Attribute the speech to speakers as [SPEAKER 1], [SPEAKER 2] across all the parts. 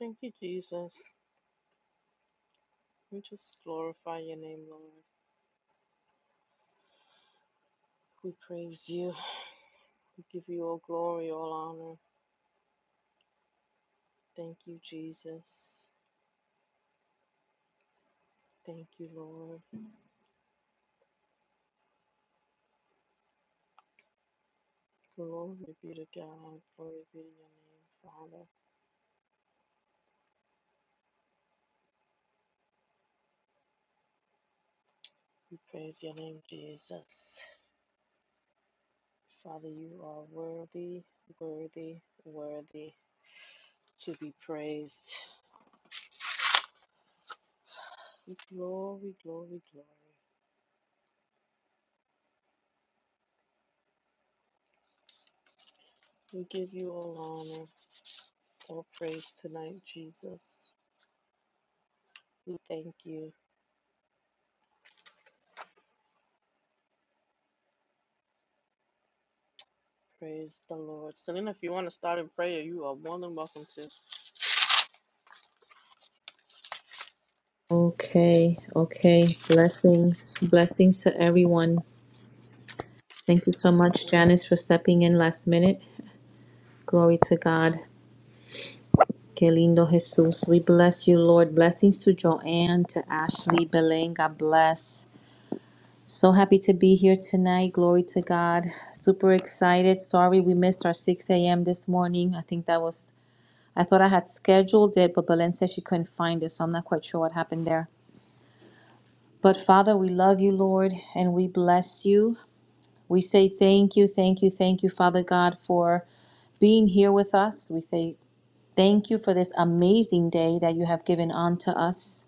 [SPEAKER 1] Thank you, Jesus. We just glorify your name, Lord. We praise you. We give you all glory, all honor. Thank you, Jesus. Thank you, Lord. Glory be to God. Glory be to your name, Father. We praise your name, Jesus. Father, you are worthy, worthy, worthy to be praised. Glory, glory, glory. We give you all honor, all praise tonight, Jesus. We thank you. Praise the Lord. So then, if you want to start in prayer, you are more than welcome to.
[SPEAKER 2] Okay, okay. Blessings, blessings to everyone. Thank you so
[SPEAKER 1] Amen.
[SPEAKER 2] much, Janice, for stepping in last minute. Glory to God. Que lindo Jesus. We bless you, Lord. Blessings to Joanne, to Ashley, Belen. God bless. So happy to be here tonight. Glory to God. Super excited. Sorry we missed our 6 a.m. this morning. I think that was, I thought I had scheduled it, but Belen said she couldn't find it, so I'm not quite sure what happened there. But Father, we love you, Lord, and we bless you. We say thank you, thank you, thank you, Father God, for being here with us. We say thank you for this amazing day that you have given unto us.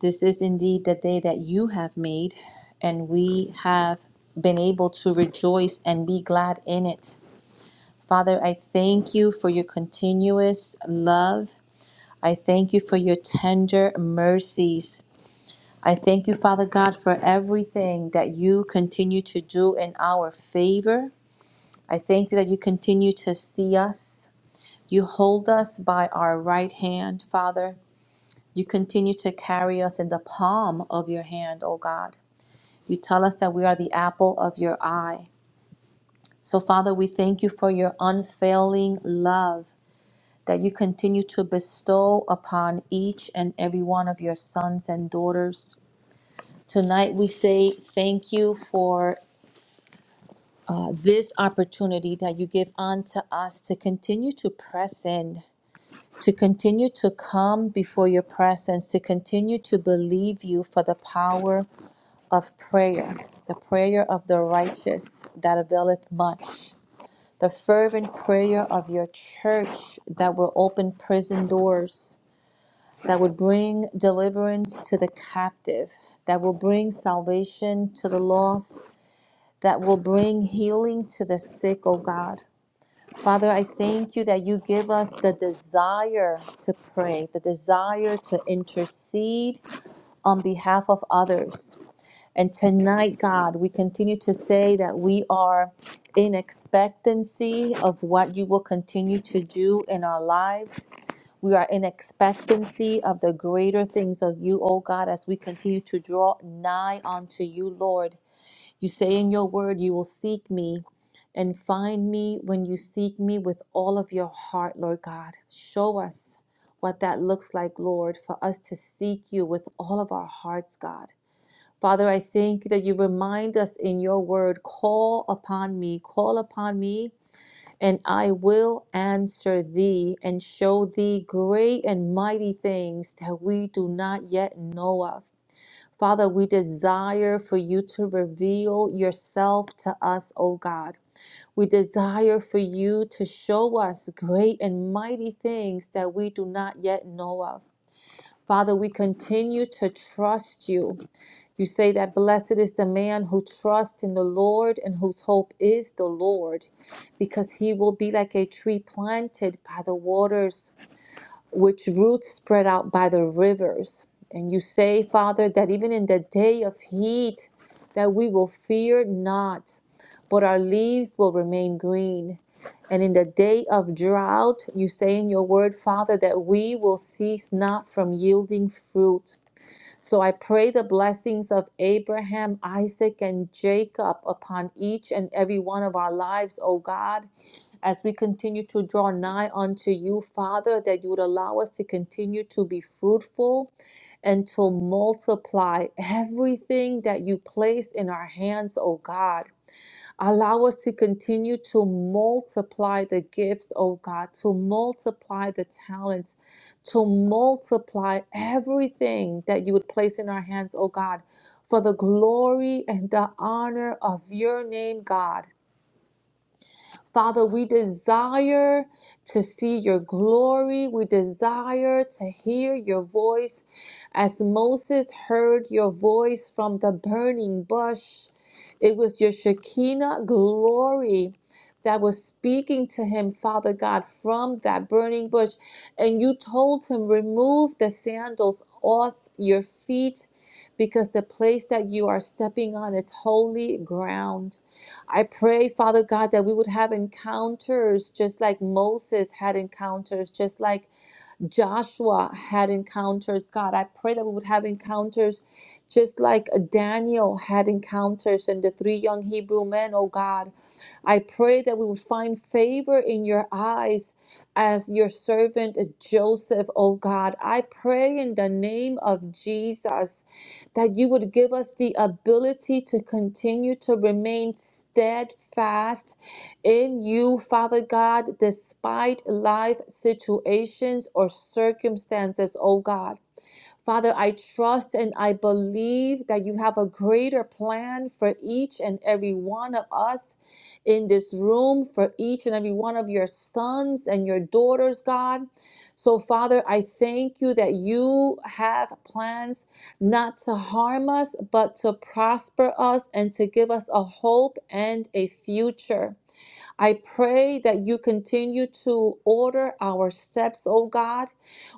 [SPEAKER 2] This is indeed the day that you have made, and we have been able to rejoice and be glad in it. Father, I thank you for your continuous love. I thank you for your tender mercies. I thank you, Father God, for everything that you continue to do in our favor. I thank you that you continue to see us. You hold us by our right hand, Father. You continue to carry us in the palm of your hand, O God. You tell us that we are the apple of your eye. So, Father, we thank you for your unfailing love that you continue to bestow upon each and every one of your sons and daughters. Tonight, we say thank you for uh, this opportunity that you give unto us to continue to press in to continue to come before your presence, to continue to believe you for the power of prayer, the prayer of the righteous that availeth much, the fervent prayer of your church that will open prison doors, that would bring deliverance to the captive, that will bring salvation to the lost, that will bring healing to the sick, O God. Father, I thank you that you give us the desire to pray, the desire to intercede on behalf of others. And tonight, God, we continue to say that we are in expectancy of what you will continue to do in our lives. We are in expectancy of the greater things of you, O God, as we continue to draw nigh unto you, Lord. You say in your word, you will seek me and find me when you seek me with all of your heart, Lord God. Show us what that looks like, Lord, for us to seek you with all of our hearts, God. Father, I thank you that you remind us in your word, call upon me, call upon me, and I will answer thee and show thee great and mighty things that we do not yet know of. Father, we desire for you to reveal yourself to us, O God. We desire for you to show us great and mighty things that we do not yet know of. Father, we continue to trust you. You say that blessed is the man who trusts in the Lord and whose hope is the Lord, because he will be like a tree planted by the waters which roots spread out by the rivers. And you say, Father, that even in the day of heat, that we will fear not, but our leaves will remain green. And in the day of drought, you say in your word, Father, that we will cease not from yielding fruit. So I pray the blessings of Abraham, Isaac, and Jacob upon each and every one of our lives, O God, as we continue to draw nigh unto you, Father, that you would allow us to continue to be fruitful and to multiply everything that you place in our hands, O God. Allow us to continue to multiply the gifts, oh God, to multiply the talents, to multiply everything that you would place in our hands, oh God, for the glory and the honor of your name, God. Father, we desire to see your glory. We desire to hear your voice as Moses heard your voice from the burning bush. It was your Shekinah glory that was speaking to him, Father God, from that burning bush. And you told him, Remove the sandals off your feet because the place that you are stepping on is holy ground. I pray, Father God, that we would have encounters just like Moses had encounters, just like Joshua had encounters. God, I pray that we would have encounters just like Daniel had encounters and the three young Hebrew men, oh God. I pray that we would find favor in your eyes as your servant Joseph, oh God. I pray in the name of Jesus that you would give us the ability to continue to remain steadfast in you, Father God, despite life situations or circumstances, oh God. Father, I trust and I believe that you have a greater plan for each and every one of us in this room, for each and every one of your sons and your daughters, God. So, Father, I thank you that you have plans not to harm us, but to prosper us and to give us a hope and a future. I pray that you continue to order our steps, oh God.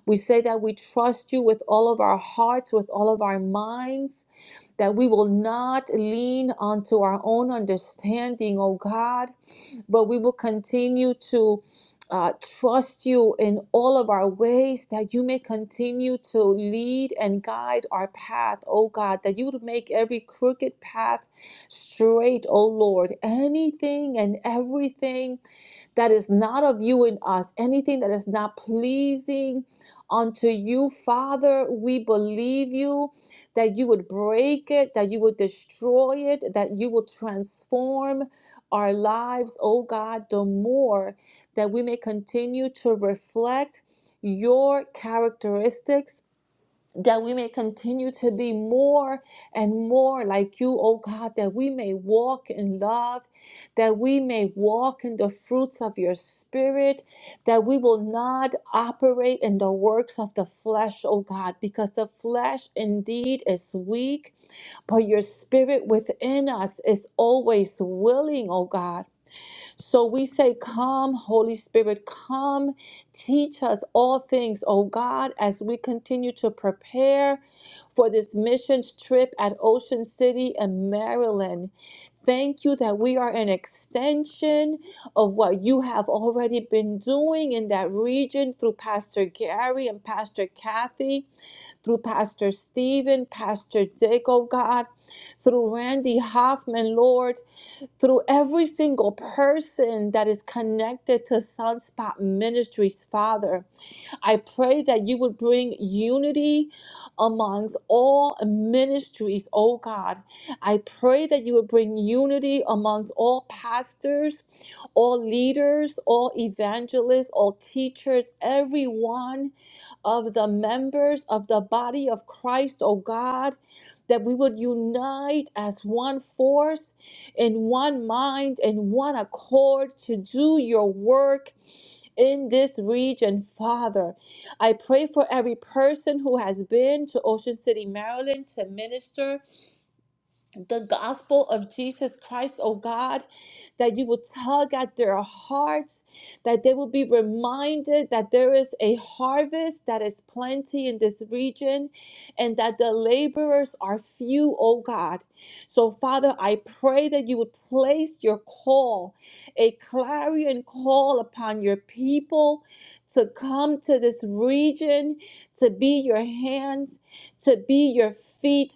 [SPEAKER 2] We say that we trust you with all of our hearts, with all of our minds, that we will not lean onto our own understanding, oh God, but we will continue to uh, trust you in all of our ways, that you may continue to lead and guide our path, oh God, that you would make every crooked path straight, oh Lord. Anything and everything that is not of you in us, anything that is not pleasing unto you, Father, we believe you that you would break it, that you would destroy it, that you will transform our lives, oh God, the more that we may continue to reflect your characteristics. That we may continue to be more and more like you, oh God, that we may walk in love, that we may walk in the fruits of your spirit, that we will not operate in the works of the flesh, oh God, because the flesh indeed is weak, but your spirit within us is always willing, oh God. So we say, Come, Holy Spirit, come, teach us all things, oh God, as we continue to prepare for this missions trip at Ocean City in Maryland. Thank you that we are an extension of what you have already been doing in that region through Pastor Gary and Pastor Kathy, through Pastor Stephen, Pastor Dick, oh God, through Randy Hoffman, Lord through every single person that is connected to Sunspot Ministries, Father. I pray that you would bring unity amongst all ministries, oh God. I pray that you would bring unity amongst all pastors, all leaders, all evangelists, all teachers, Every one of the members of the body of Christ, oh God. That we would unite as one force, in one mind, in one accord to do your work in this region, Father. I pray for every person who has been to Ocean City, Maryland to minister the gospel of Jesus Christ, oh God, that you will tug at their hearts, that they will be reminded that there is a harvest that is plenty in this region and that the laborers are few, oh God. So, Father, I pray that you would place your call, a clarion call upon your people to come to this region, to be your hands, to be your feet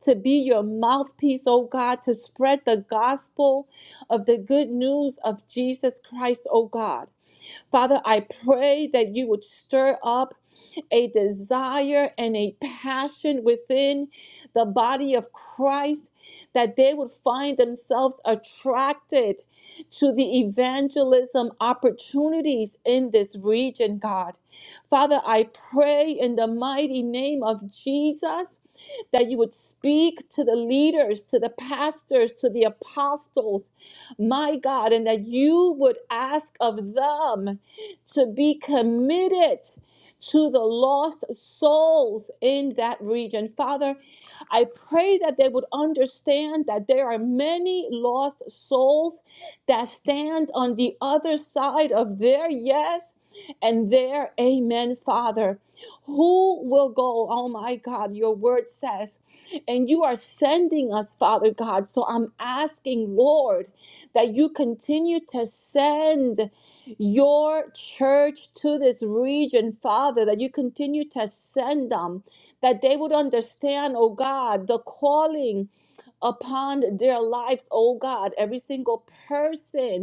[SPEAKER 2] to be your mouthpiece, oh God, to spread the gospel of the good news of Jesus Christ, oh God. Father, I pray that you would stir up a desire and a passion within the body of Christ that they would find themselves attracted to the evangelism opportunities in this region, God. Father, I pray in the mighty name of Jesus that you would speak to the leaders, to the pastors, to the apostles my God, and that you would ask of them to be committed to the lost souls in that region. Father, I pray that they would understand that there are many lost souls that stand on the other side of their yes and their amen, Father. Who will go? Oh my God, your word says, and you are sending us, Father God. So I'm asking, Lord, that you continue to send your church to this region, Father, that you continue to send them, that they would understand, oh God, the calling upon their lives, oh God, every single person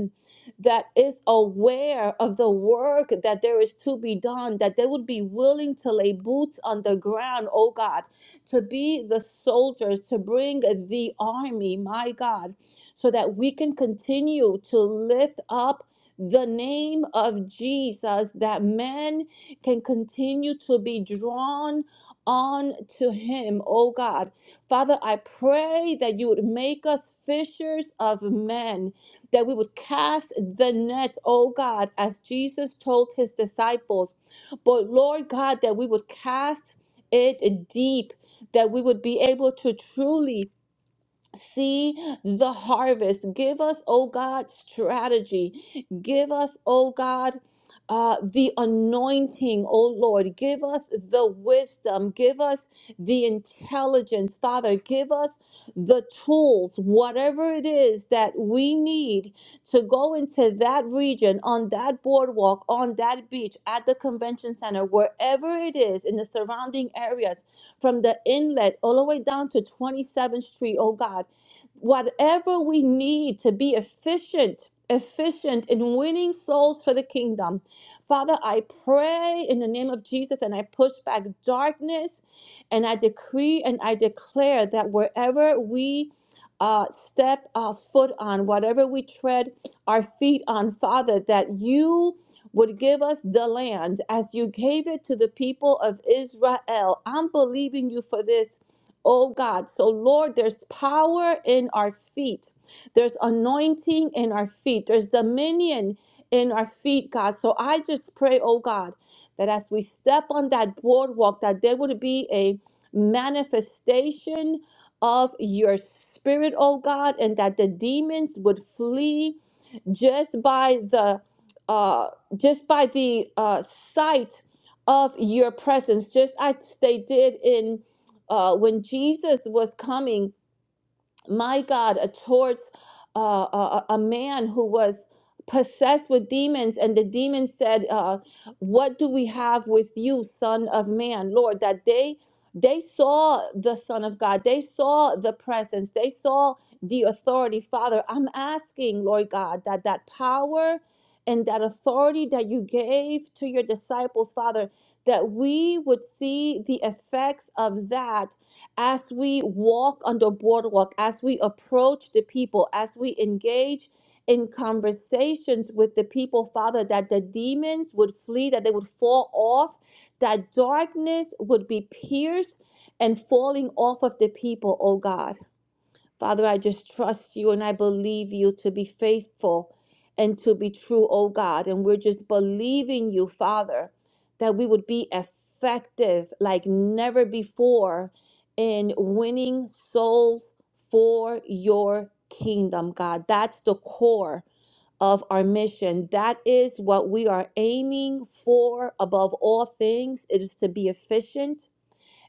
[SPEAKER 2] that is aware of the work that there is to be done, that they would be willing to lay boots on the ground, oh God, to be the soldiers, to bring the army, my God, so that we can continue to lift up the name of Jesus, that men can continue to be drawn on to him, oh God. Father, I pray that you would make us fishers of men that we would cast the net, oh God, as Jesus told his disciples. But Lord God, that we would cast it deep, that we would be able to truly see the harvest. Give us, oh God, strategy. Give us, oh God, uh, the anointing, oh Lord. Give us the wisdom. Give us the intelligence, Father. Give us the tools, whatever it is that we need to go into that region, on that boardwalk, on that beach, at the convention center, wherever it is in the surrounding areas, from the inlet all the way down to 27th Street, oh God whatever we need to be efficient, efficient in winning souls for the kingdom. Father, I pray in the name of Jesus and I push back darkness and I decree and I declare that wherever we uh, step our foot on, whatever we tread our feet on, Father, that you would give us the land as you gave it to the people of Israel. I'm believing you for this Oh God, so Lord, there's power in our feet. There's anointing in our feet. There's dominion in our feet, God. So I just pray, oh God, that as we step on that boardwalk, that there would be a manifestation of your spirit, oh God, and that the demons would flee just by the uh, just by the uh, sight of your presence, just as they did in uh, when Jesus was coming my God, uh, towards uh, a, a a man who was possessed with demons. And the demon said, uh, What do we have with you, Son of Man? Lord, that they they saw the Son of God, they saw the presence, they saw the authority. Father, I'm asking, Lord God, that that power and that authority that you gave to your disciples, Father, that we would see the effects of that as we walk on the boardwalk, as we approach the people, as we engage in conversations with the people, Father, that the demons would flee, that they would fall off, that darkness would be pierced and falling off of the people, oh God. Father, I just trust you and I believe you to be faithful and to be true, oh God. And we're just believing you, Father, that we would be effective like never before in winning souls for your kingdom, God. That's the core of our mission. That is what we are aiming for above all things. It is to be efficient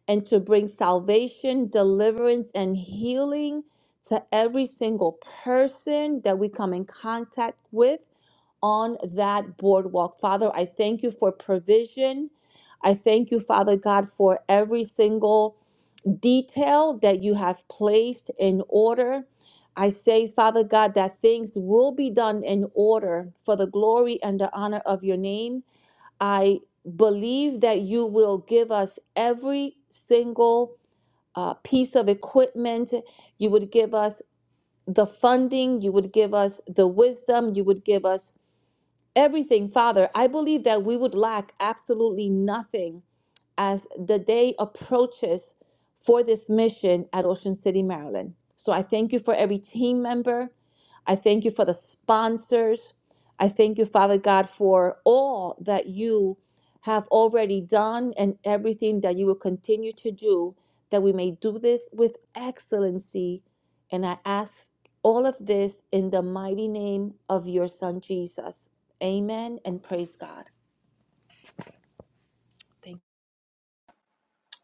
[SPEAKER 2] and to bring salvation, deliverance, and healing to every single person that we come in contact with on that boardwalk. Father, I thank you for provision. I thank you, Father God, for every single detail that you have placed in order. I say, Father God, that things will be done in order for the glory and the honor of your name. I believe that you will give us every single uh, piece of equipment. You would give us the funding. You would give us the wisdom. You would give us everything, Father. I believe that we would lack absolutely nothing as the day approaches for this mission at Ocean City, Maryland. So I thank you for every team member. I thank you for the sponsors. I thank you, Father God, for all that you have already done and everything that you will continue to do, that we may do this with excellency. And I ask all of this in the mighty name of your Son, Jesus. Amen and praise God.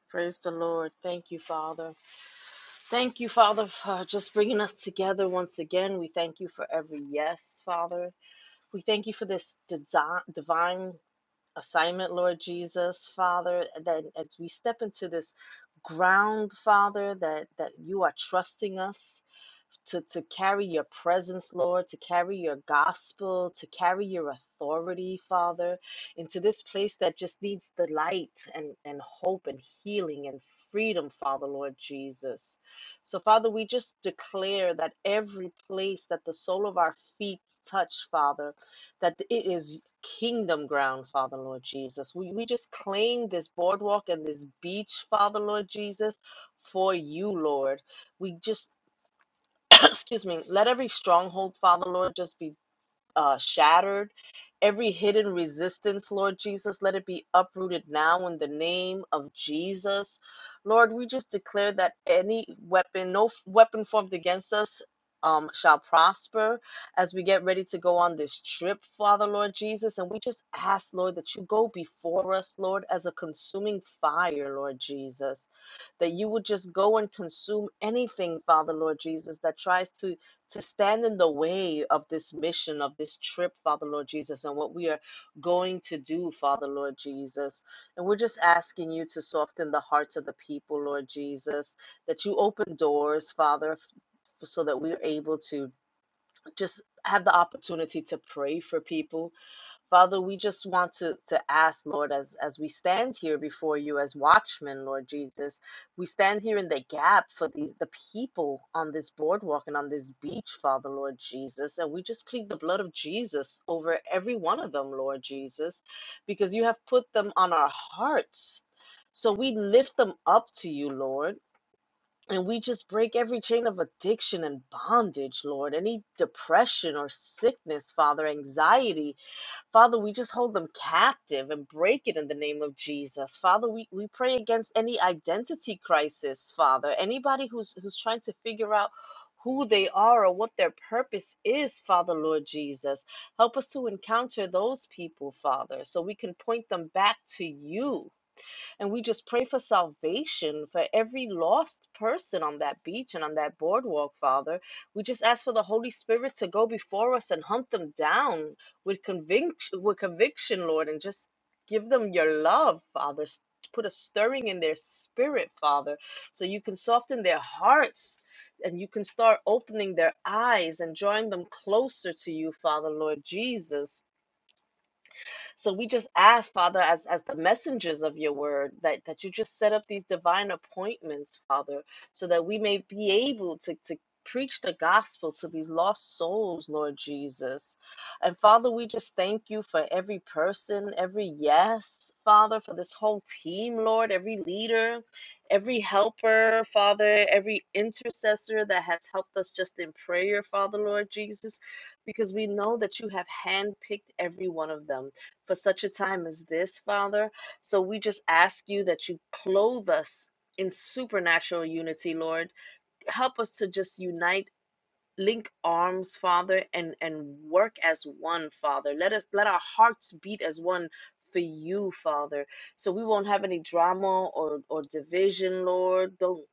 [SPEAKER 1] Praise the Lord. Thank you, Father. Thank you, Father, for just bringing us together once again. We thank you for every yes, Father. We thank you for this desi divine assignment, Lord Jesus, Father, that as we step into this ground, Father, that, that you are trusting us to, to carry your presence, Lord, to carry your gospel, to carry your authority, Father, into this place that just needs the light and, and hope and healing and freedom, Father, Lord Jesus. So, Father, we just declare that every place that the sole of our feet touch, Father, that it is kingdom ground, Father, Lord Jesus. We, we just claim this boardwalk and this beach, Father, Lord Jesus, for you, Lord. We just excuse me, let every stronghold, Father Lord, just be uh, shattered. Every hidden resistance, Lord Jesus, let it be uprooted now in the name of Jesus. Lord, we just declare that any weapon, no f- weapon formed against us. Um, shall prosper as we get ready to go on this trip, Father Lord Jesus. And we just ask, Lord, that you go before us, Lord, as a consuming fire, Lord Jesus that you would just go and consume anything, Father Lord Jesus, that tries to to stand in the way of this mission of this trip, Father Lord Jesus, and what we are going to do, Father Lord Jesus. And we're just asking you to soften the hearts of the people, Lord Jesus, that you open doors, Father, so that we're able to just have the opportunity to pray for people Father, we just want to, to ask, Lord, as, as we stand here before you as watchmen, Lord Jesus, we stand here in the gap for the, the people on this boardwalk and on this beach, Father, Lord Jesus. And we just plead the blood of Jesus over every one of them, Lord Jesus, because you have put them on our hearts. So we lift them up to you, Lord. And we just break every chain of addiction and bondage, Lord, any depression or sickness, Father, anxiety, Father, we just hold them captive and break it in the name of Jesus. Father, we, we pray against any identity crisis, Father. Anybody who's who's trying to figure out who they are or what their purpose is, Father, Lord Jesus. Help us to encounter those people, Father, so we can point them back to you. And we just pray for salvation for every lost person on that beach and on that boardwalk, Father. We just ask for the Holy Spirit to go before us and hunt them down with conviction, with conviction, Lord, and just give them your love, Father. S- Put a stirring in their spirit, Father, so you can soften their hearts and you can start opening their eyes and drawing them closer to you, Father, Lord Jesus. So we just ask, Father, as, as the messengers of your word, that, that you just set up these divine appointments, Father, so that we may be able to, to preach the gospel to these lost souls, Lord Jesus. And Father, we just thank you for every person, every yes, Father, for this whole team, Lord, every leader, every helper, Father, every intercessor that has helped us just in prayer, Father, Lord Jesus, because we know that you have handpicked every one of them for such a time as this, Father. So we just ask you that you clothe us in supernatural unity, Lord. Help us to just unite link arms father and and work as one father let us let our hearts beat as one for you father so we won't have any drama or or division lord Don't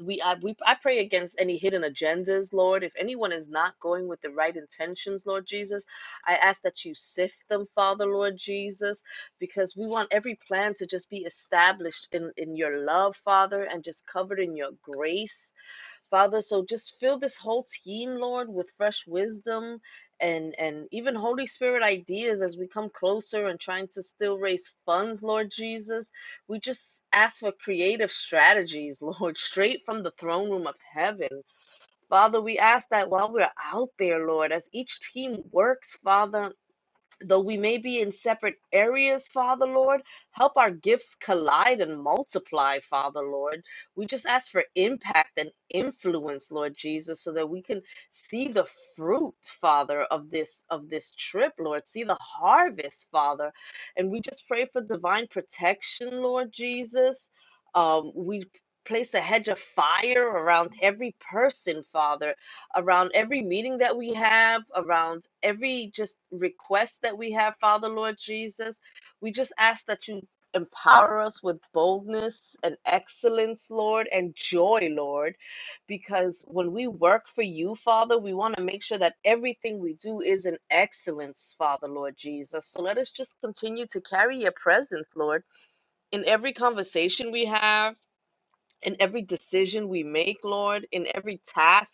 [SPEAKER 1] we I, we I pray against any hidden agendas, Lord. If anyone is not going with the right intentions, Lord Jesus, I ask that you sift them, Father, Lord Jesus, because we want every plan to just be established in in your love, Father, and just covered in your grace. Father, so just fill this whole team, Lord, with fresh wisdom and and even Holy Spirit ideas as we come closer and trying to still raise funds, Lord Jesus. We just ask for creative strategies, Lord, straight from the throne room of heaven. Father, we ask that while we're out there, Lord, as each team works, Father, Though we may be in separate areas, Father Lord, help our gifts collide and multiply, Father Lord. We just ask for impact and influence, Lord Jesus, so that we can see the fruit, Father, of this of this trip, Lord. See the harvest, Father. And we just pray for divine protection, Lord Jesus. Um, we place a hedge of fire around every person, Father, around every meeting that we have, around every just request that we have, Father Lord Jesus. We just ask that you empower us with boldness and excellence, Lord, and joy, Lord, because when we work for you, Father, we want to make sure that everything we do is in excellence, Father Lord Jesus. So let us just continue to carry your presence, Lord, in every conversation we have. In every decision we make, Lord, in every task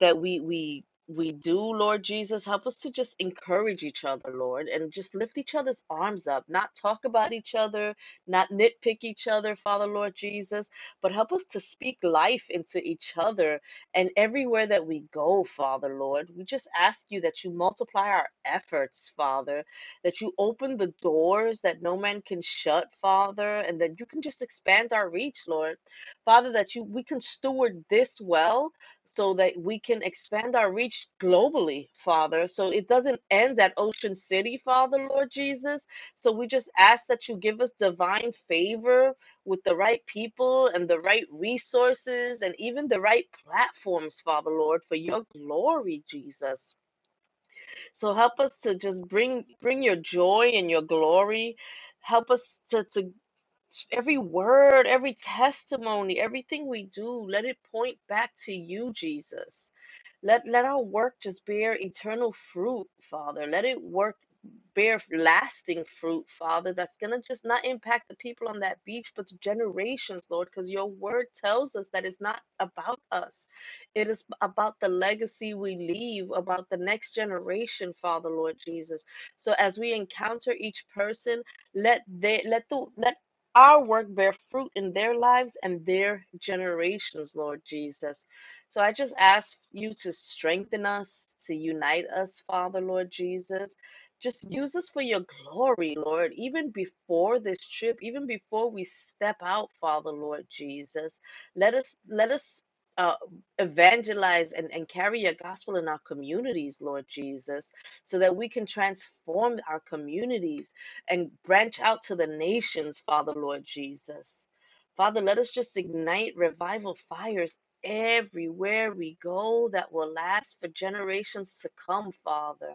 [SPEAKER 1] that we we we do, Lord Jesus. Help us to just encourage each other, Lord, and just lift each other's arms up, not talk about each other, not nitpick each other, Father, Lord Jesus, but help us to speak life into each other and everywhere that we go, Father, Lord. We just ask you that you multiply our efforts, Father, that you open the doors that no man can shut, Father, and that you can just expand our reach, Lord. Father, that you we can steward this well so that we can expand our reach globally, Father. So it doesn't end at Ocean City, Father, Lord Jesus. So we just ask that you give us divine favor with the right people and the right resources and even the right platforms, Father, Lord, for your glory, Jesus. So help us to just bring bring your joy and your glory. Help us to, to every word, every testimony, everything we do, let it point back to you, Jesus. Let let our work just bear eternal fruit, Father. Let it work bear lasting fruit, Father, that's going to just not impact the people on that beach, but to generations, Lord, because your word tells us that it's not about us. It is about the legacy we leave, about the next generation, Father, Lord Jesus. So as we encounter each person, let they let the let our work bear fruit in their lives and their generations, Lord Jesus. So I just ask you to strengthen us, to unite us, Father, Lord Jesus. Just use us for your glory, Lord, even before this trip, even before we step out, Father, Lord Jesus. Let us let us uh, evangelize and, and carry your gospel in our communities, Lord Jesus, so that we can transform our communities and branch out to the nations, Father, Lord Jesus. Father, let us just ignite revival fires everywhere we go that will last for generations to come, Father.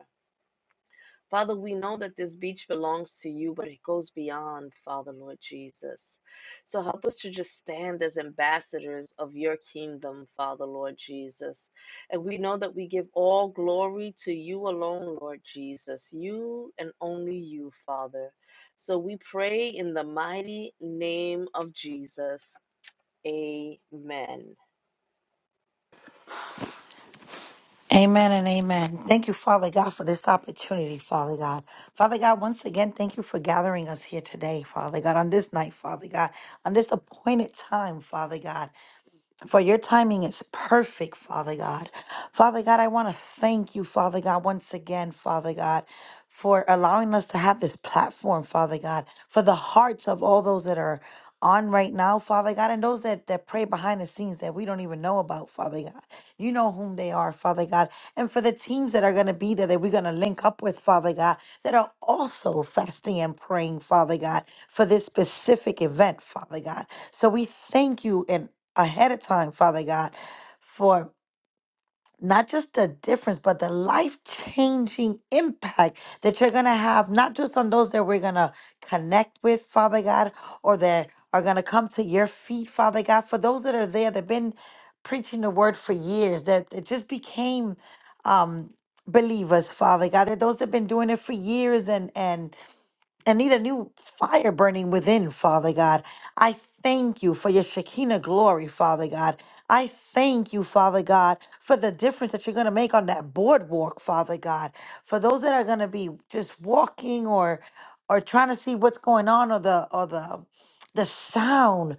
[SPEAKER 1] Father, we know that this beach belongs to you, but it goes beyond, Father, Lord Jesus. So help us to just stand as ambassadors of your kingdom, Father, Lord Jesus. And we know that we give all glory to you alone, Lord Jesus, you and only you, Father. So we pray in the mighty name of Jesus. Amen.
[SPEAKER 3] Amen and amen. Thank you, Father God, for this opportunity, Father God. Father God, once again, thank you for gathering us here today, Father God, on this night, Father God, on this appointed time, Father God for your timing is perfect, Father God. Father God, I want to thank you, Father God, once again, Father God, for allowing us to have this platform, Father God, for the hearts of all those that are on right now, Father God, and those that, that pray behind the scenes that we don't even know about, Father God. You know whom they are, Father God. And for the teams that are going to be there that we're going to link up with, Father God, that are also fasting and praying, Father God, for this specific event, Father God. So we thank you in ahead of time, Father God, for not just the difference, but the life changing impact that you're going to have, not just on those that we're going to connect with, Father God, or that are going to come to your feet, Father God, for those that are there that have been preaching the word for years, that it just became um, believers, Father God, that those that have been doing it for years and, and, and need a new fire burning within, Father God. I thank you for your Shekinah glory, Father God. I thank you, Father God, for the difference that you're going to make on that boardwalk, Father God. For those that are going to be just walking or or trying to see what's going on or the or the the sound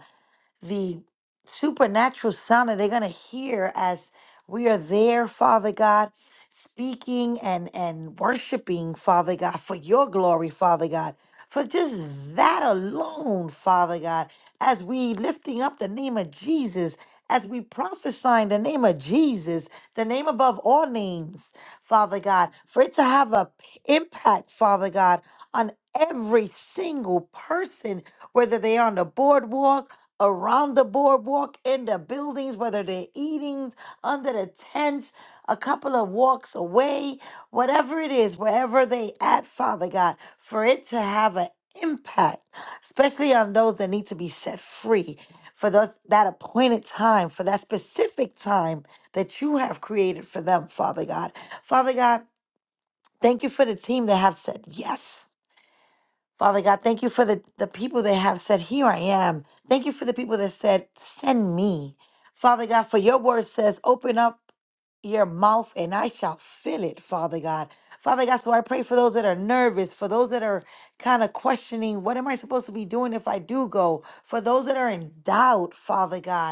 [SPEAKER 3] the supernatural sound that they're going to hear as we are there, Father God, speaking and, and worshiping, Father God, for your glory, Father God. For just that alone, Father God, as we lifting up the name of Jesus, as we prophesying the name of Jesus, the name above all names, Father God, for it to have a p- impact, Father God, on every single person, whether they are on the boardwalk, around the boardwalk, in the buildings, whether they're eating under the tents, a couple of walks away, whatever it is, wherever they at, Father God, for it to have an impact, especially on those that need to be set free. For those that appointed time, for that specific time that you have created for them, Father God. Father God, thank you for the team that have said yes. Father God, thank you for the, the people that have said, Here I am. Thank you for the people that said, Send me. Father God, for your word says, Open up your mouth and I shall fill it, Father God. Father God, so I pray for those that are nervous, for those that are kind of questioning, What am I supposed to be doing if I do go? For those that are in doubt, Father God.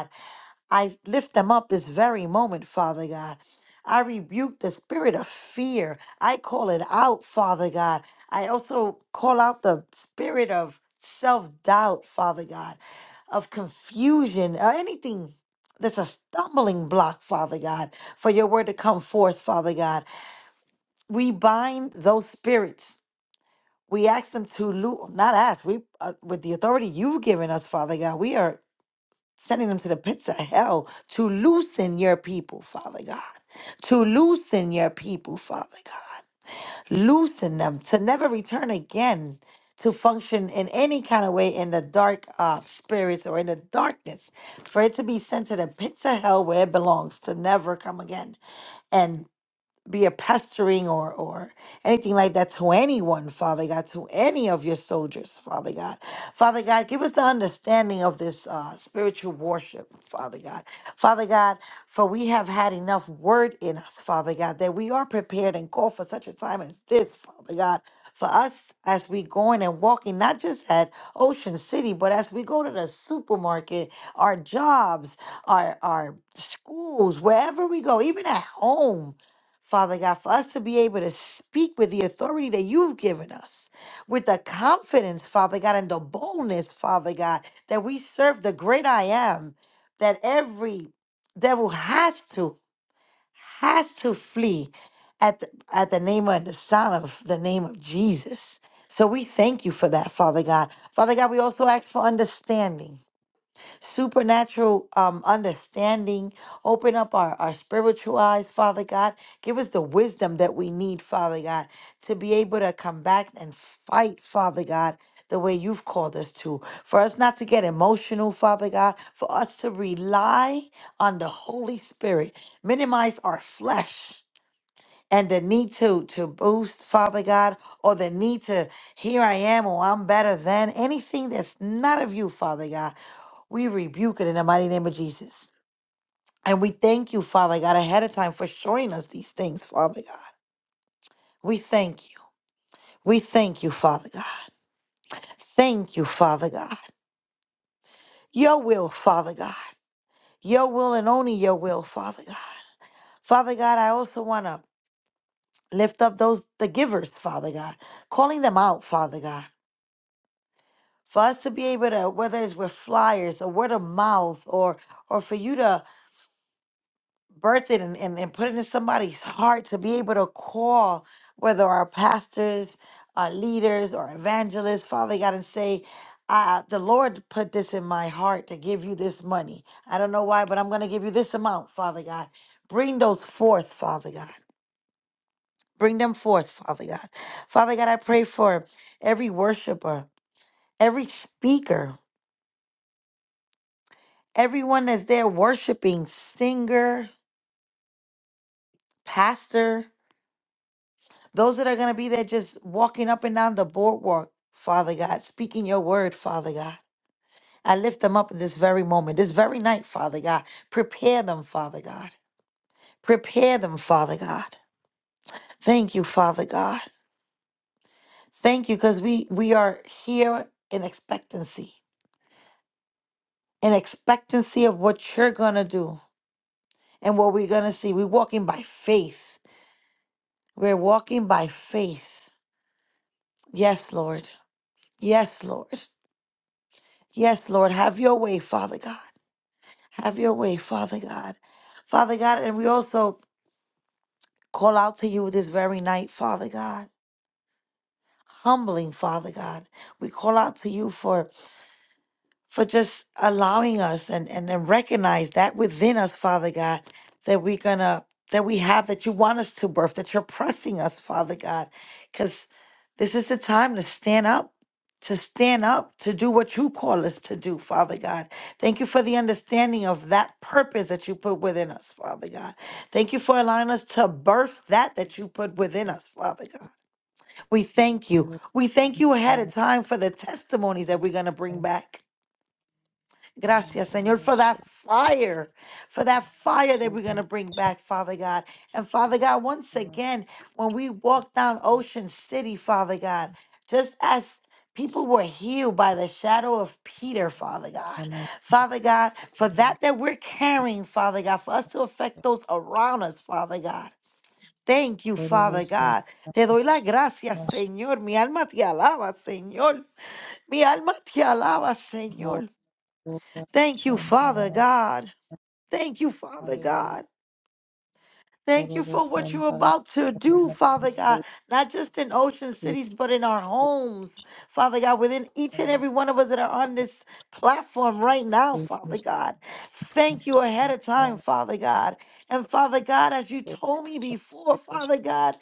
[SPEAKER 3] I lift them up this very moment, Father God. I rebuke the spirit of fear. I call it out, Father God. I also call out the spirit of self doubt, Father God, of confusion, or anything that's a stumbling block, Father God, for your word to come forth, Father God. We bind those spirits. We ask them to, lo- not ask, we, uh, with the authority you've given us, Father God, we are sending them to the pits of hell to loosen your people, Father God. To loosen your people, Father God. Loosen them to never return again to function in any kind of way in the dark uh, spirits or in the darkness. For it to be sent to the pits of hell where it belongs to never come again be a pestering or or anything like that to anyone, Father God, to any of your soldiers, Father God. Father God, give us the understanding of this uh, spiritual worship, Father God. Father God, for we have had enough word in us, Father God, that we are prepared and called for such a time as this, Father God. For us, as we going and walking, not just at Ocean City, but as we go to the supermarket, our jobs, our our schools, wherever we go, even at home, Father God, for us to be able to speak with the authority that you've given us, with the confidence, Father God, and the boldness, Father God, that we serve the great I am, that every devil has to, has to flee at the, at the name of the sound of the name of Jesus. So we thank you for that, Father God. Father God, we also ask for understanding supernatural um, understanding. Open up our, our spiritual eyes, Father God. Give us the wisdom that we need, Father God, to be able to come back and fight, Father God, the way you've called us to. For us not to get emotional, Father God, for us to rely on the Holy Spirit, minimize our flesh. And the need to to boost, Father God, or the need to here I am or I'm better than anything that's not of you, Father God. We rebuke it in the mighty name of Jesus. And we thank you, Father God, ahead of time for showing us these things, Father God. We thank you. We thank you, Father God. Thank you, Father God. Your will, Father God. Your will and only your will, Father God. Father God, I also want to lift up those, the givers, Father God, calling them out, Father God. For us to be able to, whether it's with flyers or word of mouth or or for you to birth it and, and, and put it in somebody's heart to be able to call whether our pastors our leaders or evangelists father god and say uh, the lord put this in my heart to give you this money i don't know why but i'm going to give you this amount father god bring those forth father god bring them forth father god father god i pray for every worshiper every speaker everyone that's there worshiping singer pastor Those that are going to be there just walking up and down the boardwalk, Father God, speaking your word, Father God. I lift them up in this very moment, this very night, Father God. Prepare them, Father God. Prepare them, Father God. Thank you, Father God. Thank you because we, we are here in expectancy, in expectancy of what you're going to do and what we're going to see. We're walking by faith. We're walking by faith. Yes, Lord. Yes, Lord. Yes, Lord. Have your way, Father God. Have your way, Father God. Father God, and we also call out to you this very night, Father God. Humbling, Father God. We call out to you for for just allowing us and, and, and recognize that within us, Father God, that we're gonna that we have that you want us to birth, that you're pressing us, Father God. Cause this is the time to stand up, to stand up, to do what you call us to do, Father God. Thank you for the understanding of that purpose that you put within us, Father God. Thank you for allowing us to birth that that you put within us, Father God. We thank you. We thank you ahead of time for the testimonies that we're gonna bring back. Gracias, Señor, for that fire, for that fire that we're going to bring back, Father God. And Father God, once again, when we walk down Ocean City, Father God, just as people were healed by the shadow of Peter, Father God, Father God, for that that we're carrying, Father God, for us to affect those around us, Father God. Thank you, Father God. Te doy las gracias, Señor. Mi alma te alaba, Señor. Mi alma te alaba, Señor. Thank you, Father God. Thank you, Father God. Thank you for what you're about to do, Father God, not just in ocean cities, but in our homes, Father God, within each and every one of us that are on this platform right now, Father God. Thank you ahead of time, Father God. And Father God, as you told me before, Father God,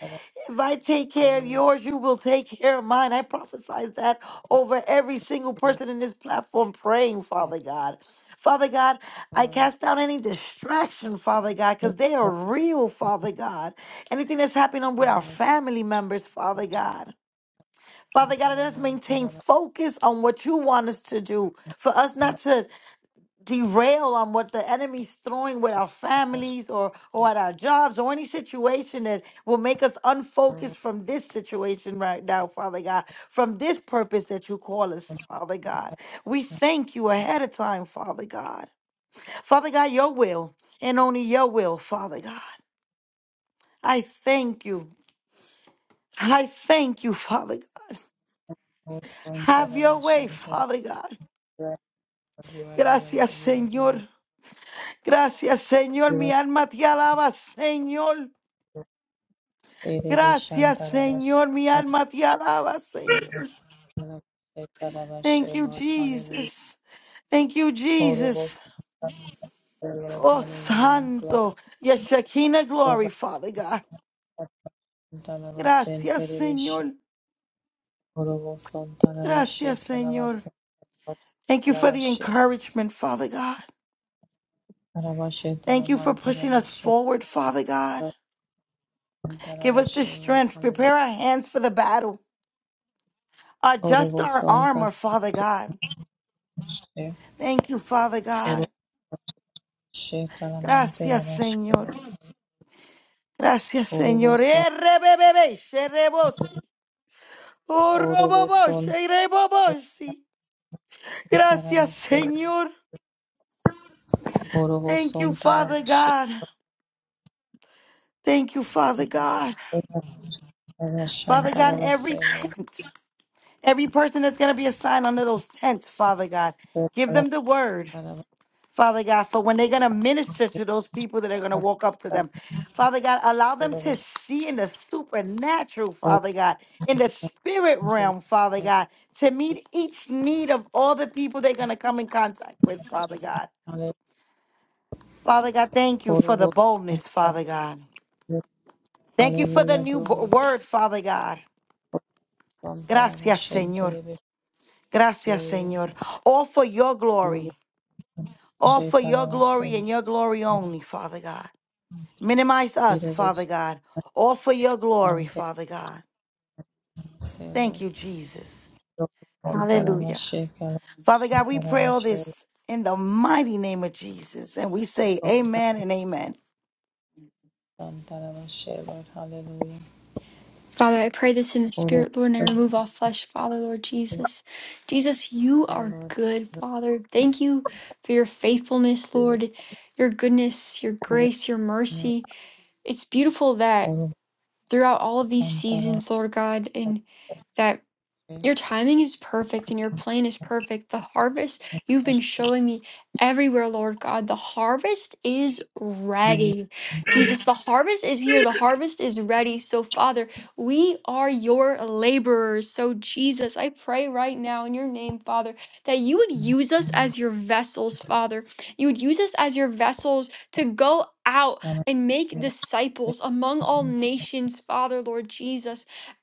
[SPEAKER 3] if I take care of yours, you will take care of mine. I prophesy that over every single person in this platform praying, Father God. Father God, I cast down any distraction, Father God, because they are real, Father God. Anything that's happening on- with our family members, Father God. Father God, let us maintain focus on what you want us to do. For us not to derail on what the enemy's throwing with our families or, or at our jobs or any situation that will make us unfocused from this situation right now, Father God, from this purpose that you call us, Father God. We thank you ahead of time, Father God. Father God, your will and only your will, Father God. I thank you. I thank you, Father God. Have your way, Father God. Gracias, Señor. Gracias, Señor. Mi alma te alaba, Señor. Gracias, Señor. Mi alma te alaba, Señor. Thank you, Jesus. Thank you, Jesus. Oh, Santo. Your Shekinah glory, Father God. Gracias, Señor. Gracias, Señor. Thank you for the encouragement, Father God. Thank you for pushing us forward, Father God. Give us the strength. Prepare our hands for the battle. Adjust our armor, Father God. Thank you, Father God. Gracias, Señor. Gracias, Señor. Errebebebe, sherebosi. Urrobobo, sherebobosi. Gracias, Señor. Thank you, Father God. Thank you, Father God. Father God, every tent. Every person that's going to be assigned under those tents, Father God, give them the word, Father God, for when they're going to minister to those people that are going to walk up to them. Father God, allow them to see in the supernatural, Father God, in the spirit realm, Father God, to meet each need of all the people they're going to come in contact with, Father God. Father God, thank you for the boldness, Father God. Thank you for the new bo- word, Father God. Gracias, Señor. Gracias, Señor. All for your glory. All for your glory and your glory only, Father God. Minimize us, Father God. All for your glory, Father God. Thank you, Jesus. Hallelujah. Father God, we pray all this in the mighty name of Jesus. And we say amen and amen.
[SPEAKER 4] Father, I pray this in the spirit, Lord, and I remove all flesh, Father, Lord Jesus. Jesus, you are good, Father. Thank you for your faithfulness, Lord, your goodness, your grace, your mercy. It's beautiful that throughout all of these seasons, Lord God, and that. Your timing is perfect and your plan is perfect. The harvest you've been showing me everywhere, Lord God, the harvest is ready. Jesus, the harvest is here. The harvest is ready. So, Father, we are your laborers. So, Jesus, I pray right now in your name, Father, that you would use us as your vessels, Father. You would use us as your vessels to go out and make disciples among all nations, Father, Lord Jesus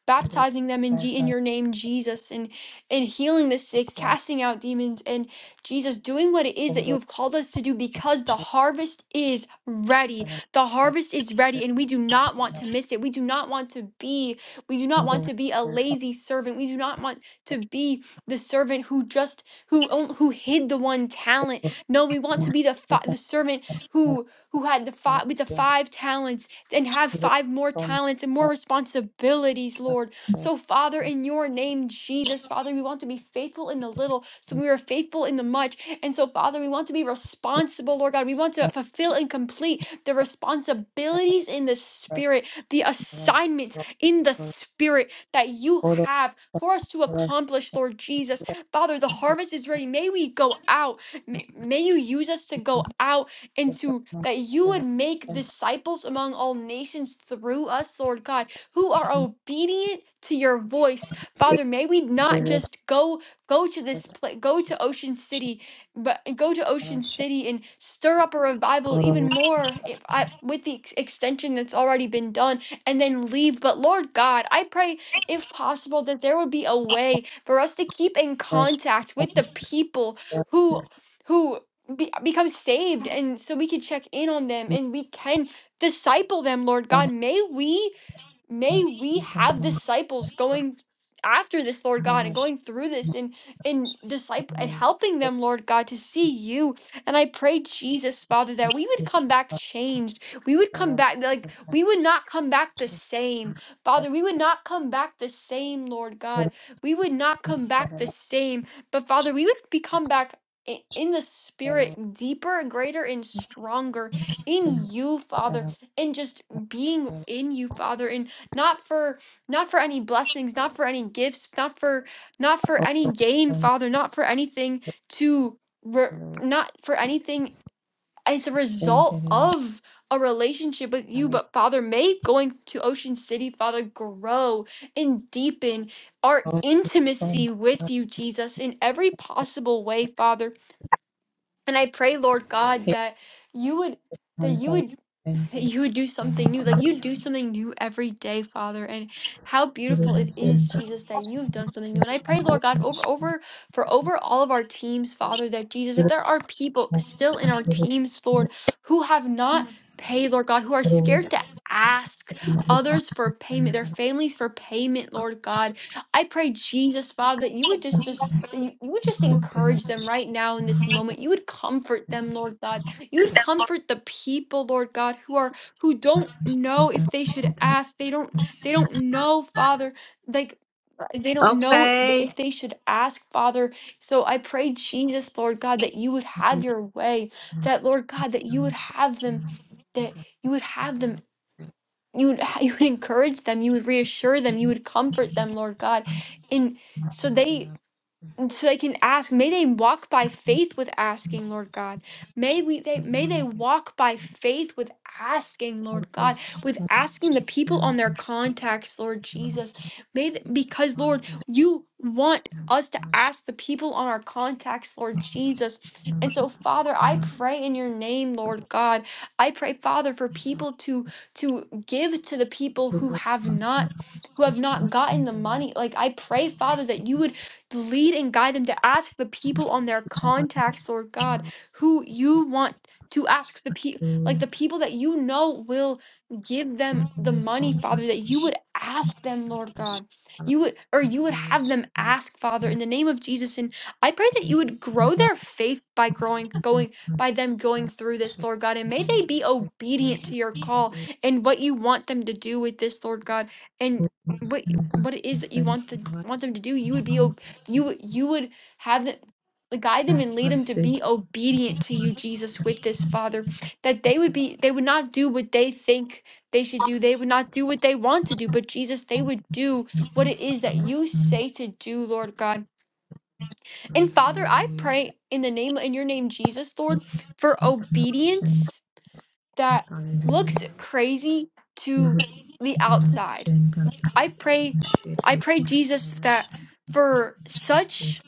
[SPEAKER 4] baptizing them in, G- in your name, Jesus, and, and healing the sick, casting out demons, and Jesus, doing what it is that you have called us to do because the harvest is ready. The harvest is ready, and we do not want to miss it. We do not want to be, we do not want to be a lazy servant. We do not want to be the servant who just, who, on- who hid the one talent. No, we want to be the, fi- the servant who, who had the five, with the five talents and have five more talents and more responsibilities, Lord. So, Father, in your name, Jesus, Father, we want to be faithful in the little, so we are faithful in the much. And so, Father, we want to be responsible, Lord God. We want to fulfill and complete the responsibilities in the Spirit, the assignments in the Spirit that you have for us to accomplish, Lord Jesus. Father, the harvest is ready. May we go out. May, may you use us to go out into that you would make disciples among all nations through us, Lord God, who are obedient to your voice. Father, may we not just go go to this place, go to Ocean City, but go to Ocean City and stir up a revival even more if I, with the ex- extension that's already been done and then leave. But Lord God, I pray if possible that there would be a way for us to keep in contact with the people who. Who be, become saved and so we can check in on them and we can disciple them lord god may we may we have disciples going after this lord god and going through this and and disciple and helping them lord god to see you and i pray jesus father that we would come back changed we would come back like we would not come back the same father we would not come back the same lord god we would not come back the same but father we would become back i- in the spirit deeper and greater and stronger in you father and just being in you, Father, and not for not for any blessings not for any gifts not for not for any gain father not for anything to re- not for anything as a result of a relationship with you but father may going to ocean city father grow and deepen our intimacy with you jesus in every possible way father and i pray lord god that you would that you would you would do something new. Like you do something new every day, Father. And how beautiful it is, Jesus, that you have done something new. And I pray, Lord God, over over for over all of our teams, Father, that Jesus, if there are people still in our teams, Lord, who have not paid, Lord God, who are scared to ask others for payment, their families for payment, Lord God. I pray, Jesus, Father, that you would just just that you, you would just encourage them right now in this moment. You would comfort them, Lord God you would comfort the people, Lord God, who are who don't know if they should ask. They don't they don't know, Father. Like uh, they don't know th- if they should ask, Father. So I pray, Jesus, Lord God, that you would have your way. That Lord God, that you would have them, that you would have them. You would, you would encourage them. You would reassure them. You would comfort them, Lord God, and so they and so they can ask may they walk by faith with asking lord god may we they may they walk by faith with asking lord god with asking the people on their contacts lord jesus may th- because lord you want us to ask the people on our contacts lord jesus and so father i pray in your name lord god i pray father for people to to give to the people who have not who have not gotten the money like i pray father that you would Lead and guide them to ask the people on their contacts, Lord God, who you want to ask the people, like the people that you know will give them the money, Father, that you would ask them, Lord God. You would, or you would have them ask, Father, in the name of Jesus. And I pray that you would grow their faith by growing, going, by them going through this, Lord God. And may they be obedient to your call and what you want them to do with this, Lord God. And what what it is that you want the want them to do, you would be obedient you would- you would have them like, guide them and lead them to be obedient to you, Jesus, with this Father. That they would be they would not do what they think they should do. They would not do what they want to do, but Jesus, they would do what it is that you say to do, Lord God. And Father, I pray in the name in your name, Jesus, Lord, for obedience that looks crazy to the outside. I pray, I pray, Jesus, that for such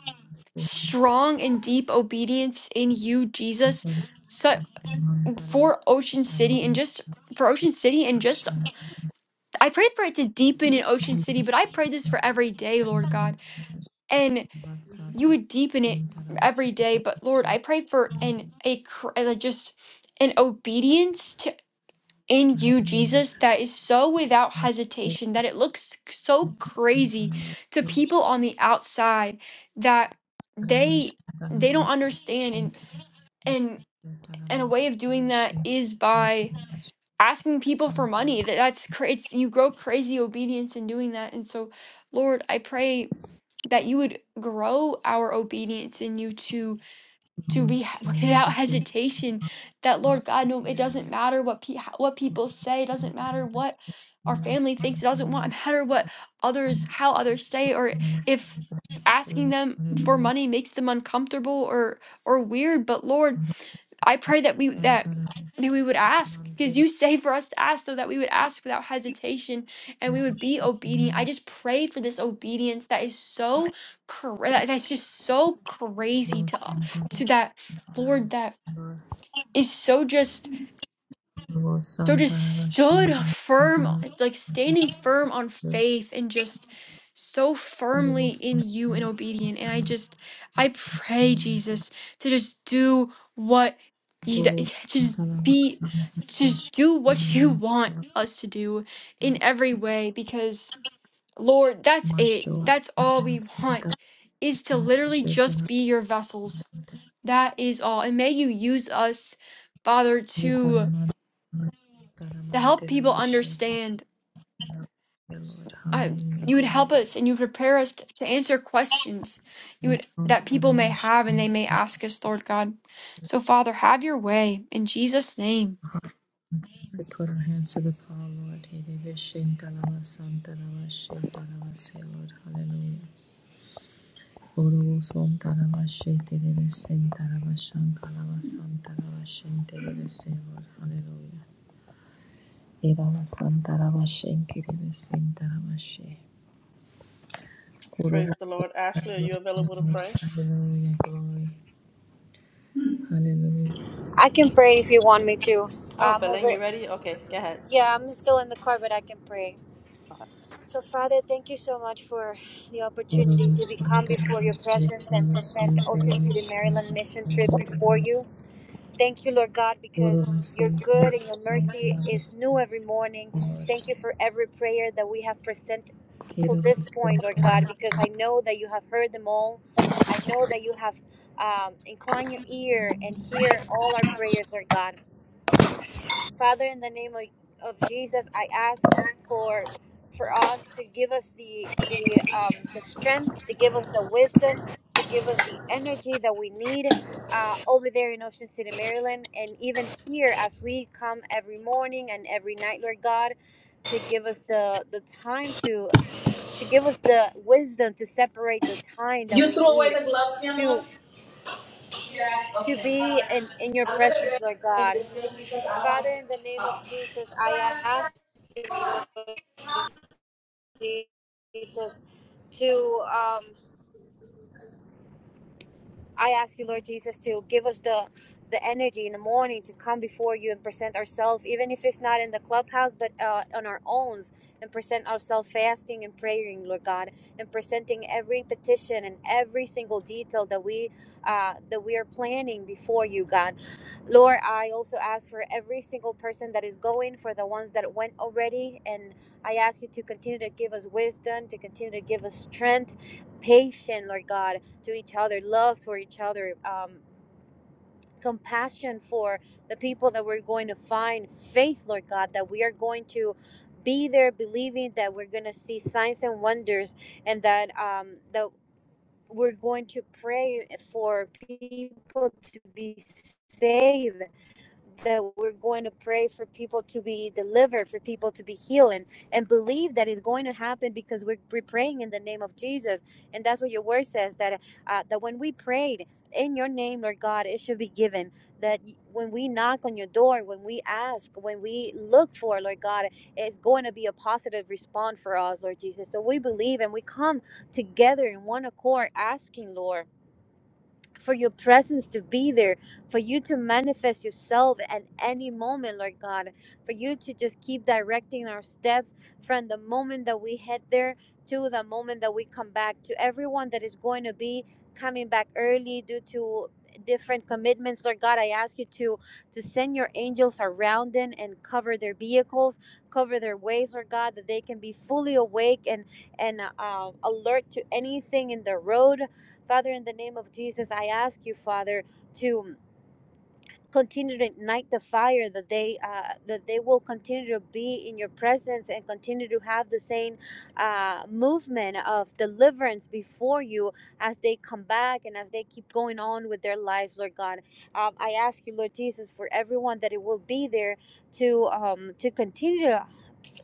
[SPEAKER 4] strong and deep obedience in you, Jesus, so, for Ocean City and just for Ocean City and just I prayed for it to deepen in Ocean City, but I pray this for every day, Lord God, and you would deepen it every day. But Lord, I pray for an a cr- uh, just an obedience to in you, Jesus, that is so without hesitation that it looks so crazy to people on the outside that they they don't understand and. and and a way of doing that is by asking people for money that that's cra- it's you grow crazy obedience in doing that and so lord i pray that you would grow our obedience in you to to be without hesitation that lord god no it doesn't matter what pe- how- what people say it doesn't matter what our family thinks it doesn't wa- matter what others how others say or if asking them for money makes them uncomfortable or or weird but lord I pray that we that that we would ask because you say for us to ask so that we would ask without hesitation and we would be obedient. I just pray for this obedience that is so cra- that- that's just so crazy to u- to that Lord that is so just so just stood firm it's like standing firm on faith and just so firmly in you and obedient and i just i pray jesus to just do what you that- just be just do what you want us to do in every way because lord that's it that's all we want is to literally just be your vessels that is all and may you use us father to to help people understand. Uh, you would help us and you prepare us to, to answer questions you would that people may have and they may ask us, Lord God. So, Father, have your way in Jesus' name.
[SPEAKER 1] Praise the Lord. Ashley, are you available to pray?
[SPEAKER 5] I can pray if you want me to.
[SPEAKER 1] Oh,
[SPEAKER 5] I'm
[SPEAKER 1] Belen,
[SPEAKER 5] over.
[SPEAKER 1] you ready? Okay, go ahead.
[SPEAKER 5] Yeah, I'm still in the car, but I can pray.
[SPEAKER 1] Okay.
[SPEAKER 5] So, Father, thank you so much for the opportunity to be come before your presence and present Ocean City, Maryland mission trip before you. Thank you, Lord God, because your good and your mercy is new every morning. Thank you for every prayer that we have present till this point, Lord God, because I know that you have heard them all. I know that you have um, inclined your ear and hear all our prayers, Lord God. Father, in the name of, of Jesus, I ask for for us to give us the the um, the strength, to give us the wisdom, to give us the energy that we need uh, over there in Ocean City, Maryland, and even here as we come every morning and every night, Lord God, to give us the the time to to give us the wisdom to separate the time that
[SPEAKER 2] You
[SPEAKER 5] we
[SPEAKER 2] threw away
[SPEAKER 5] need
[SPEAKER 2] the gloves, mi amor?
[SPEAKER 5] to to
[SPEAKER 2] Okay.
[SPEAKER 5] be in, in your
[SPEAKER 2] I'm gonna go
[SPEAKER 5] presence,
[SPEAKER 2] ahead
[SPEAKER 5] Lord
[SPEAKER 2] and
[SPEAKER 5] God
[SPEAKER 2] sing because I don't want
[SPEAKER 5] Father,
[SPEAKER 2] to sing.
[SPEAKER 5] in the name
[SPEAKER 2] Oh.
[SPEAKER 5] of Jesus, I ask you, Lord Jesus, to um, I ask you, Lord Jesus, to give us the the energy in the morning to come before you and present ourselves, even if it's not in the clubhouse, but uh, on our own, and present ourselves fasting and praying, Lord God, and presenting every petition and every single detail that we uh, that we are planning before you, God. Lord, I also ask for every single person that is going, for the ones that went already, and I ask you to continue to give us wisdom, to continue to give us strength, patience, Lord God to each other, love for each other, um, compassion for the people that we're going to find, faith, Lord God, that we are going to be there believing that we're going to see signs and wonders and that um, that we're going to pray for people to be saved that we're going to pray for people to be delivered, for people to be healed, and, and believe that it's going to happen because we're, we're praying in the name of Jesus. And that's what your word says that uh, that when we prayed in your name, Lord God, it should be given. That when we knock on your door, when we ask, when we look for, Lord God, it's going to be a positive response for us, Lord Jesus. So we believe and we come together in one accord asking, Lord for your presence to be there, for you to manifest yourself at any moment, Lord God, for you to just keep directing our steps from the moment that we head there to the moment that we come back, to everyone that is going to be coming back early due to different commitments lord god i ask you to to send your angels around them and cover their vehicles cover their ways lord god that they can be fully awake and and uh, alert to anything in the road Father, in the name of Jesus, I ask you, Father, to continue to ignite the fire that they uh, that they will continue to be in your presence and continue to have the same uh, movement of deliverance before you as they come back and as they keep going on with their lives lord god um, i ask you lord jesus for everyone that it will be there to um, to continue to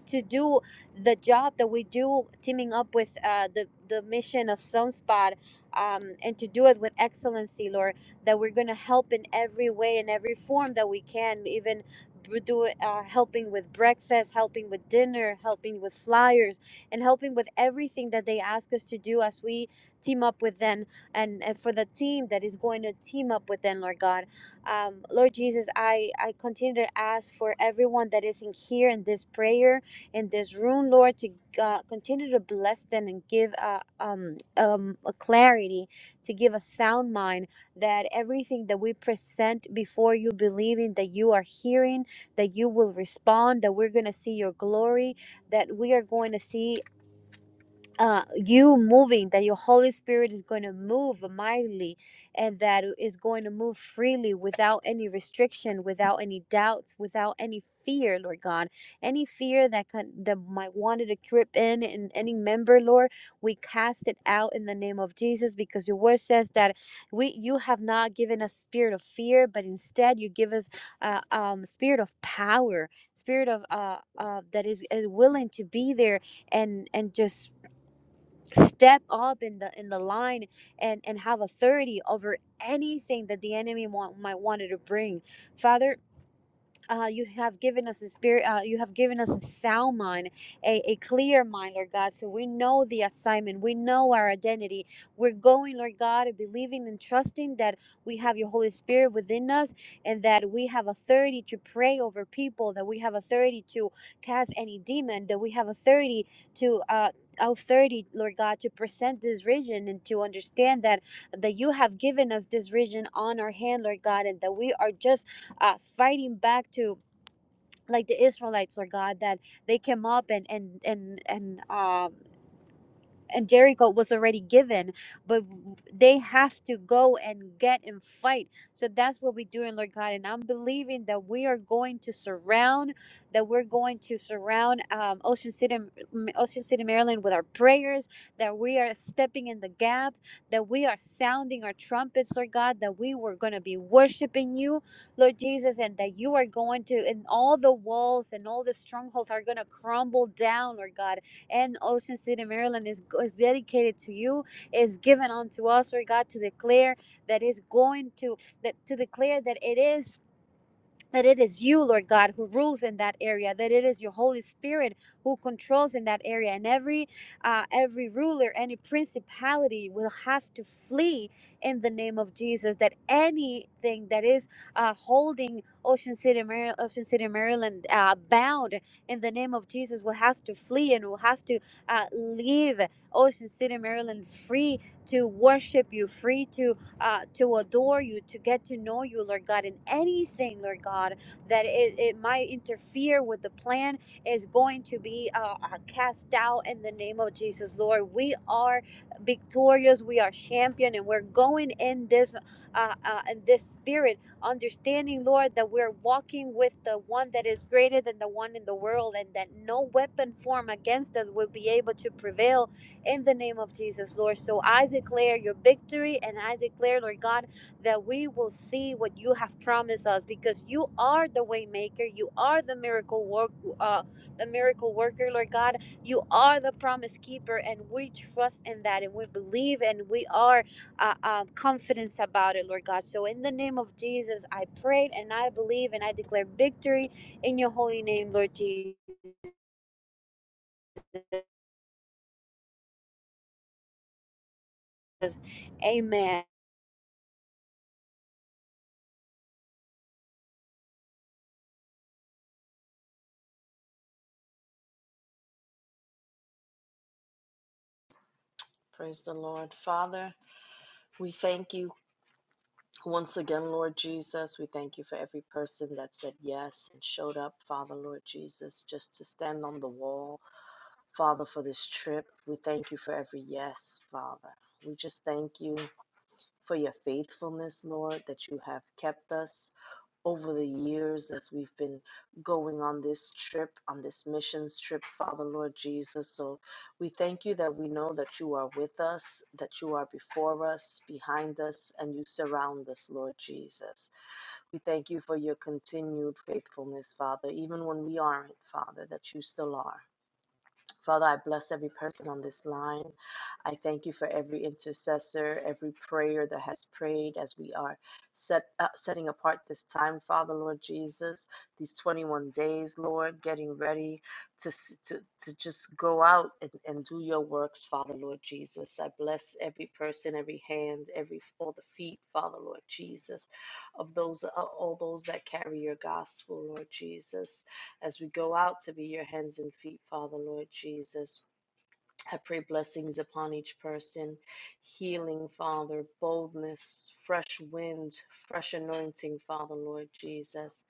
[SPEAKER 5] to do the job that we do, teaming up with uh, the the mission of Sunspot, um, and to do it with excellency, Lord. That we're gonna help in every way, in every form that we can, even b- do it, uh, helping with breakfast, helping with dinner, helping with flyers, and helping with everything that they ask us to do as we team up with them, and, and for the team that is going to team up with them, Lord God. Um, Lord Jesus, I I continue to ask for everyone that is in here in this prayer in this room, Lord, to uh, continue to bless them and give uh, um, um, a clarity, to give a sound mind that everything that we present before you, believing that you are hearing, that you will respond, that we're going to see your glory, that we are going to see uh, you moving, that your Holy Spirit is going to move mightily and that is going to move freely without any restriction, without any doubts, without any fear, Lord God. Any fear that can, that might wanted to creep in in any member, Lord, we cast it out in the name of Jesus because your word says that we you have not given us spirit of fear, but instead you give us uh, um spirit of power, spirit of uh, uh that is, is willing to be there and and just step up in the in the line and and have authority over anything that the enemy want, might wanted to bring father uh, you have given us a spirit uh, you have given us a sound mind a, a clear mind lord god so we know the assignment we know our identity we're going lord god and believing and trusting that we have your holy spirit within us and that we have authority to pray over people that we have authority to cast any demon that we have authority to uh authority lord god to present this vision and to understand that that you have given us this vision on our hand lord god and that we are just uh, fighting back to like the Israelites or God that they came up and and and and um and Jericho was already given, but they have to go and get and fight. So that's what we're doing, Lord God. And I'm believing that we are going to surround, that we're going to surround um, Ocean City, M- Ocean City, Maryland, with our prayers. That we are stepping in the gap. That we are sounding our trumpets, Lord God. That we were going to be worshiping you, Lord Jesus, and that you are going to, and all the walls and all the strongholds are going to crumble down, Lord God and Ocean City, Maryland is, is dedicated to you, is given unto us, Lord God, to declare that is going to, that to declare that it is that it is you, Lord God, who rules in that area, that it is your Holy Spirit who controls in that area. And every uh, every ruler, any principality will have to flee in the name of Jesus. That anything that is uh, holding Ocean City, Maryland, Ocean City, Maryland, uh, bound in the name of Jesus will have to flee and will have to uh, leave Ocean City, Maryland, free to worship you, free to uh, to adore you, to get to know you, Lord God, and anything, Lord God, that it, it might interfere with the plan is going to be uh, uh, cast out in the name of Jesus, Lord. We are victorious, we are champion, and we're going in this uh, uh, in this spirit, understanding, Lord, that we're walking with the one that is greater than the one in the world, and that no weapon formed against us will be able to prevail in the name of Jesus, Lord. So I declare your victory and I declare, Lord God, that we will see what you have promised us because you are the way maker. You are the miracle work, uh, the miracle worker, Lord God. You are the promise keeper and we trust in that and we believe and we are uh, um, confident about it, Lord God. So in the name of Jesus, I prayed and I believe and I declare victory in your holy name, Lord Jesus. Amen.
[SPEAKER 1] Praise the Lord. Father, we thank you once again, Lord Jesus. We thank you for every person that said yes and showed up, Father, Lord Jesus, just to stand on the wall, Father, for this trip. We thank you for every yes, Father. We just thank you for your faithfulness, Lord, that you have kept us. over the years as we've been going on this trip, on this missions trip, Father Lord Jesus. So we thank you that we know that you are with us, that you are before us, behind us, and you surround us, Lord Jesus. We thank you for your continued faithfulness, Father, even when we aren't, Father, that you still are. Father, I bless every person on this line. I thank you for every intercessor, every prayer that has prayed as we are set uh, setting apart this time, Father, Lord Jesus, these 21 days, Lord, getting ready to to, to just go out and, and do your works, Father, Lord Jesus. I bless every person, every hand, every all the feet, Father, Lord Jesus, of those uh, all those that carry your gospel, Lord Jesus as we go out to be your hands and feet, Father, Lord Jesus. I pray blessings upon each person, healing, Father, boldness, fresh wind, fresh anointing, Father, Lord Jesus.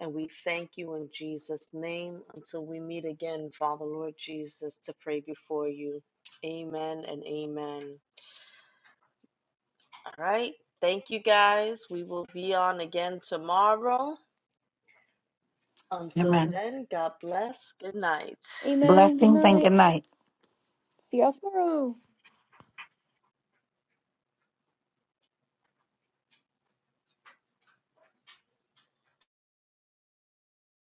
[SPEAKER 1] And we thank you in Jesus' name until we meet again, Father, Lord Jesus, to pray before you. Amen and amen. All right. Thank you guys. We will be on again tomorrow. Until
[SPEAKER 3] Amen.
[SPEAKER 1] then, God bless. Good night.
[SPEAKER 4] Amen. Good
[SPEAKER 3] Blessings and
[SPEAKER 4] night.
[SPEAKER 3] good night.
[SPEAKER 4] See y'all tomorrow.